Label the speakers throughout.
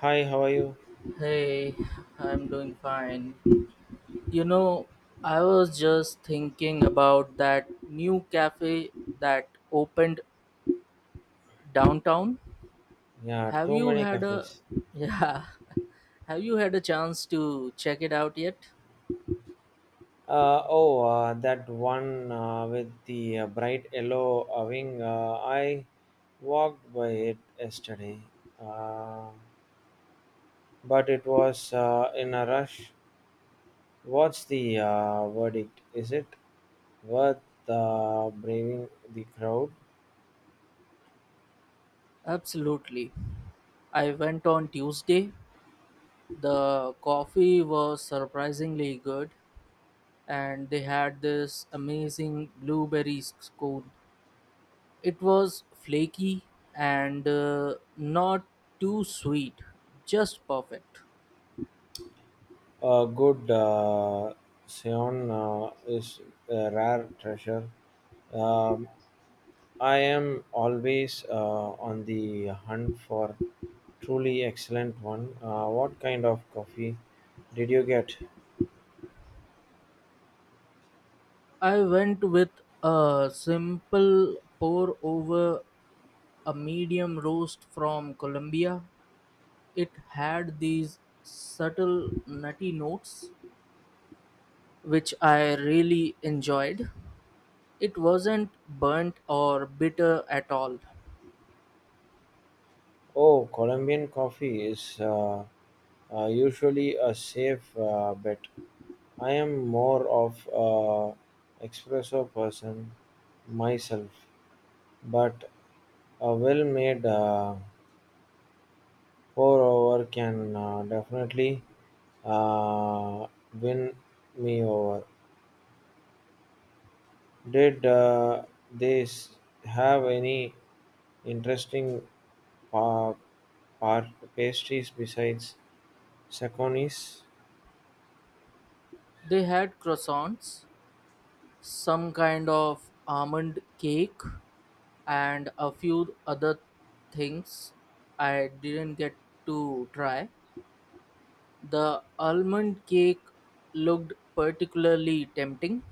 Speaker 1: Hi, how are you?
Speaker 2: Hey, I'm doing fine. You know, I was just thinking about that new cafe that opened downtown.
Speaker 1: Yeah,
Speaker 2: Have
Speaker 1: too
Speaker 2: you
Speaker 1: many
Speaker 2: had a
Speaker 1: cafes.
Speaker 2: yeah, have you had a chance to check it out yet?
Speaker 1: Oh, that one with the bright yellow wing. I walked by it yesterday, uh, but it was in a rush. What's the verdict? Is it worth braving the crowd?
Speaker 2: Absolutely. I went on Tuesday. The coffee was surprisingly good, and they had this amazing blueberry scone. It was flaky and not too sweet, just perfect.
Speaker 1: A good Sion is a rare treasure. Um, I am always on the hunt for truly excellent one. What kind of coffee did you get?
Speaker 2: I went with a simple pour over, a medium roast from Colombia. It had these subtle nutty notes which I really enjoyed. It wasn't burnt or bitter at all.
Speaker 1: Oh, Colombian coffee is usually a safe bet. I am more of a espresso person myself, but a well-made pour-over can definitely uh, win me over. Did they s- have any interesting pa- par- pastries besides saconis?
Speaker 2: They had croissants, some kind of almond cake, and a few other things I didn't get to try. The almond cake looked particularly tempting,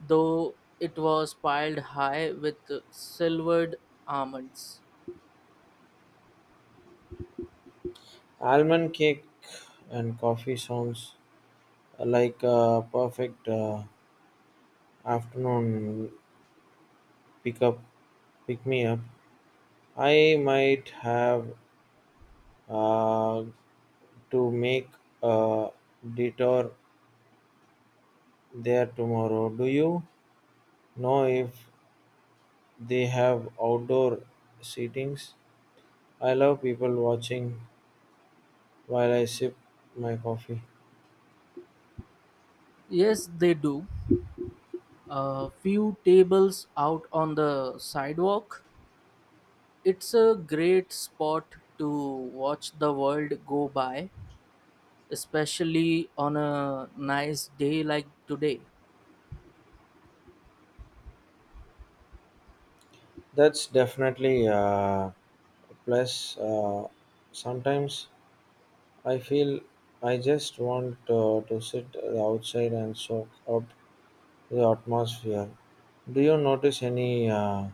Speaker 2: though it was piled high with silvered almonds.
Speaker 1: Almond cake and coffee sounds like a perfect afternoon pick up, pick me up. I might have uh, to make a detour there tomorrow. Do you know if they have outdoor seatings? I love people watching while I sip my coffee.
Speaker 2: Yes, they do. A few tables out on the sidewalk. It's a great spot to watch the world go by, especially on a nice day like today.
Speaker 1: That's definitely a plus. Sometimes I feel I just want to sit outside and soak up the atmosphere. Do you notice any uh,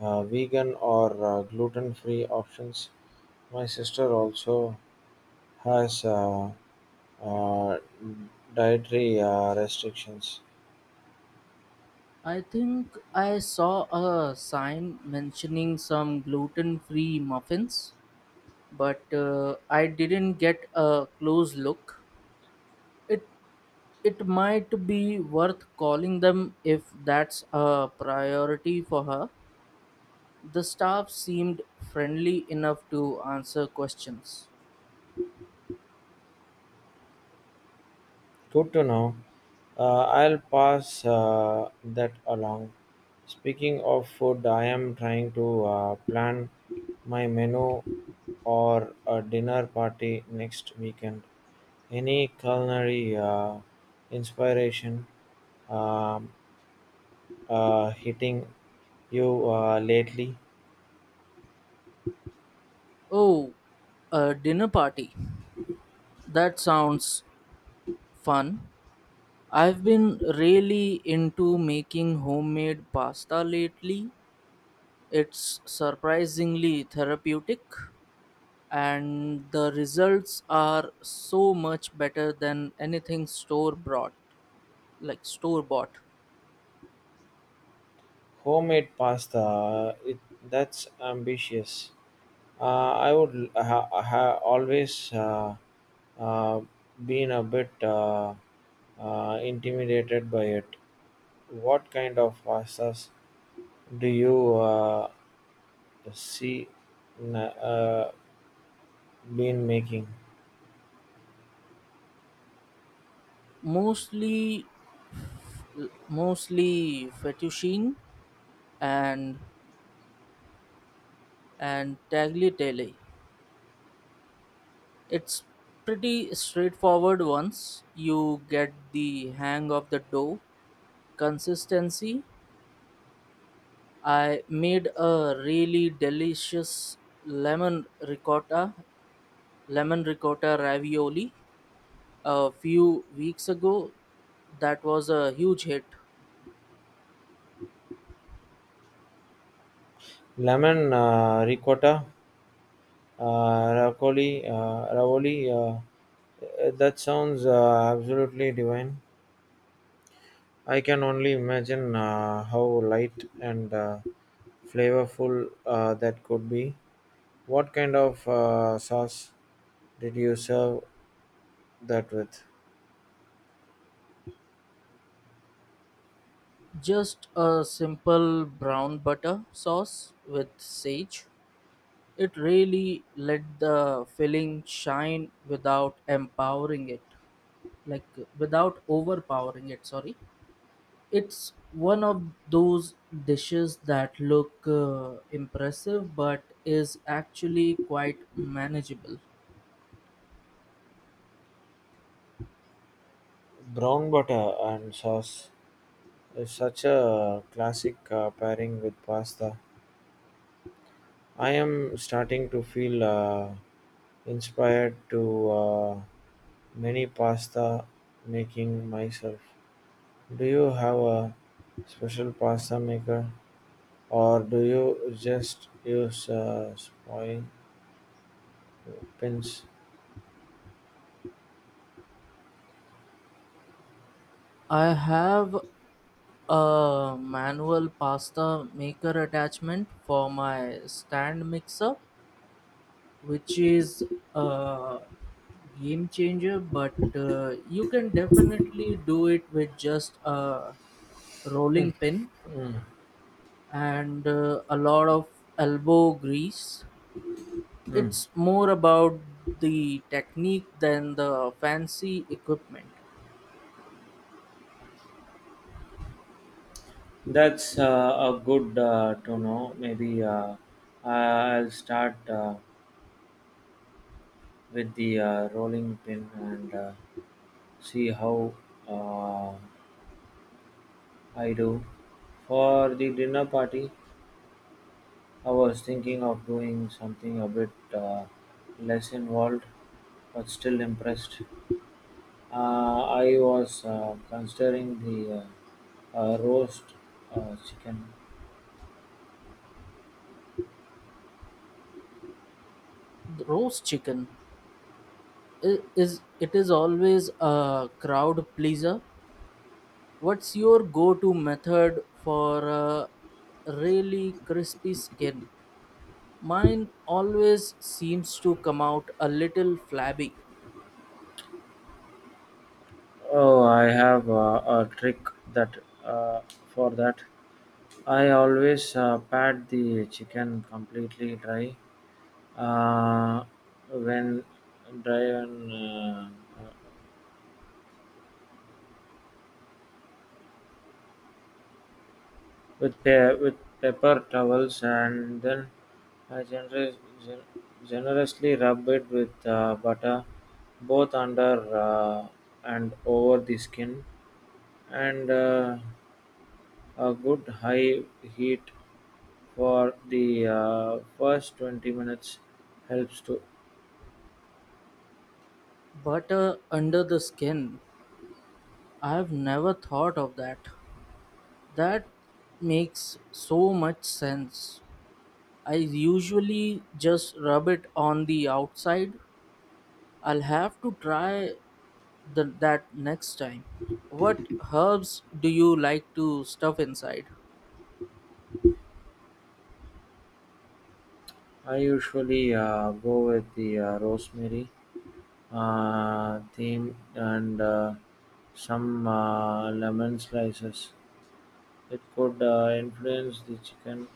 Speaker 1: uh, vegan or gluten free options? My sister also has uh, dietary restrictions.
Speaker 2: I think I saw a sign mentioning some gluten free muffins, but I didn't get a close look. It, it might be worth calling them if that's a priority for her. The staff seemed friendly enough to answer questions.
Speaker 1: Good to know. I'll pass that along. Speaking of food, I am trying to plan my menu or a dinner party next weekend. Any culinary inspiration um, hitting you lately?
Speaker 2: Oh, a dinner party. That sounds fun. I've been really into making homemade pasta lately. It's surprisingly therapeutic, and the results are so much better than anything store bought, like store bought.
Speaker 1: Homemade pasta, that's ambitious. I would ha, ha always uh, been a bit intimidated by it. What kind of pastas do you see n- uh, been making?
Speaker 2: Mostly, mostly fettuccine and tagliatelle. It's pretty straightforward once you get the hang of the dough consistency. I made a really delicious lemon ricotta, lemon ricotta ravioli a few weeks ago. That was a huge hit.
Speaker 1: Lemon ricotta ravioli. That sounds absolutely divine. I can only imagine how light and flavorful that could be. What kind of sauce did you serve that with?
Speaker 2: Just a simple brown butter sauce with sage. It really let the filling shine without empowering it, like without overpowering it, sorry. It's one of those dishes that look impressive but is actually quite manageable.
Speaker 1: Brown butter and sauce is such a classic pairing with pasta. I am starting to feel inspired to many pasta making myself. Do you have a special pasta maker or do you just use spoil pins?
Speaker 2: I have a manual pasta maker attachment for my stand mixer, which is a game changer, but you can definitely do it with just a rolling pin
Speaker 1: Mm.
Speaker 2: and a lot of elbow grease.
Speaker 1: Mm.
Speaker 2: It's more about the technique than the fancy equipment.
Speaker 1: That's a good to know. Maybe I'll start with the rolling pin and see how uh, I do. For the dinner party, I was thinking of doing something a bit less involved, but still impressed. I was considering the roast chicken.
Speaker 2: The roast chicken i- is is always a crowd pleaser. What's your go-to method for a really crispy skin? Mine always seems to come out a little flabby.
Speaker 1: Oh, I have a trick that uh, for that. I always pat the chicken completely dry uh, when dry and uh, with pe with paper towels and then I gen- generously rub it with butter both under uh, and over the skin and a good high heat for the first 20 minutes helps to
Speaker 2: Butter under the skin. I've never thought of that. That makes so much sense. I usually just rub it on the outside. I'll have to try that next time. What herbs do you like to stuff inside?
Speaker 1: I usually go with the rosemary theme and some lemon slices. It could influence the chicken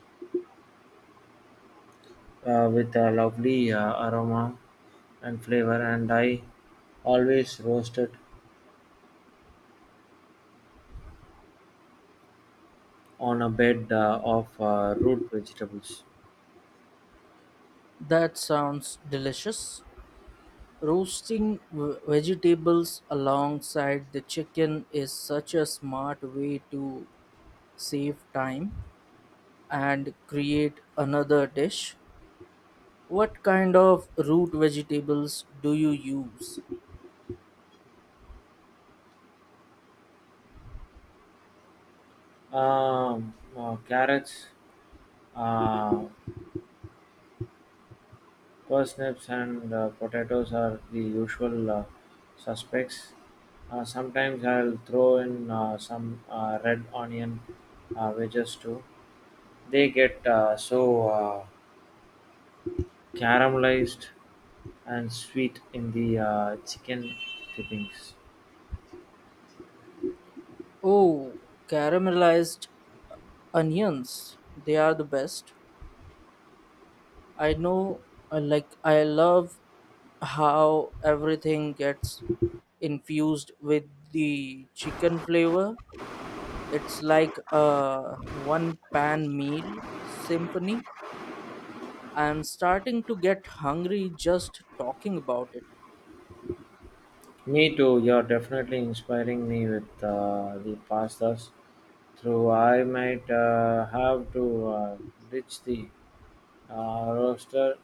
Speaker 1: with a lovely aroma and flavor, and I always roast it on a bed of root vegetables.
Speaker 2: That sounds delicious. Roasting vegetables alongside the chicken is such a smart way to save time and create another dish. What kind of root vegetables do you use?
Speaker 1: Carrots, uh, parsnips, and potatoes are the usual suspects. Sometimes I'll throw in some red onion wedges too. They get so caramelized and sweet in the chicken dippings.
Speaker 2: Oh, caramelized onions. They are the best. I know, I love how everything gets infused with the chicken flavor. It's like a one pan meal symphony. I'm starting to get hungry just talking about it.
Speaker 1: Me too. You're definitely inspiring me with the pastas. Through I might have to ditch the roaster.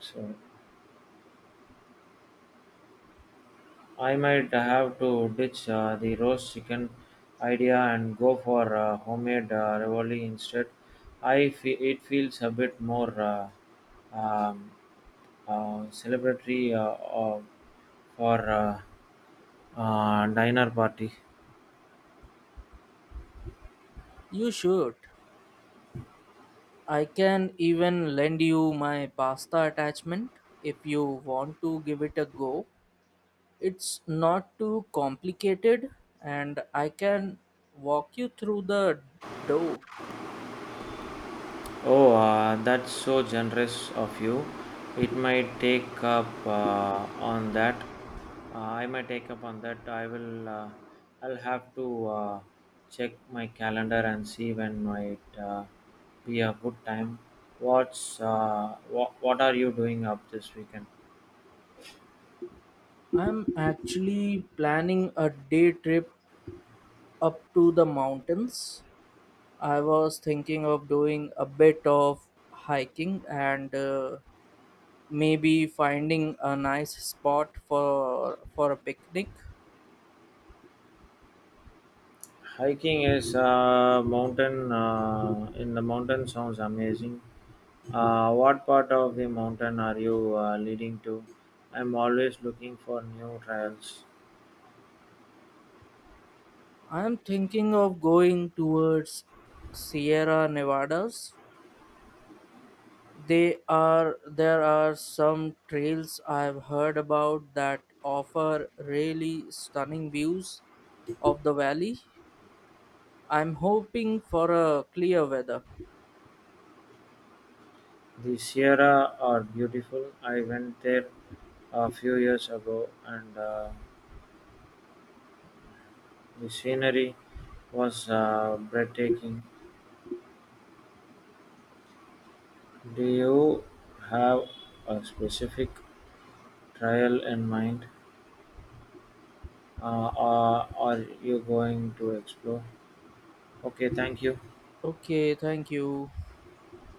Speaker 1: Sorry, I might have to ditch the roast chicken idea and go for homemade ravioli instead. It feels a bit more um, celebratory for. Dinner party.
Speaker 2: You should. I can even lend you my pasta attachment if you want to give it a go. It's not too complicated, and I can walk you through the dough.
Speaker 1: Oh, that's so generous of you. It might take up on that. I might take up on that. I will. I'll have to check my calendar and see when might be a good time. What's what? What are you doing up this weekend?
Speaker 2: I'm actually planning a day trip up to the mountains. I was thinking of doing a bit of hiking and maybe finding a nice spot for a picnic.
Speaker 1: Hiking is mountain in the mountain sounds amazing. What part of the mountain are you leading to? I'm always looking for new trails.
Speaker 2: I'm thinking of going towards Sierra Nevadas. They are There are some trails I've heard about that offer really stunning views of the valley. I'm hoping for a clear weather.
Speaker 1: The Sierra are beautiful. I went there a few years ago and the scenery was breathtaking. Do you have a specific trail in mind or are you going to explore? Okay, thank you.
Speaker 2: Okay, thank you.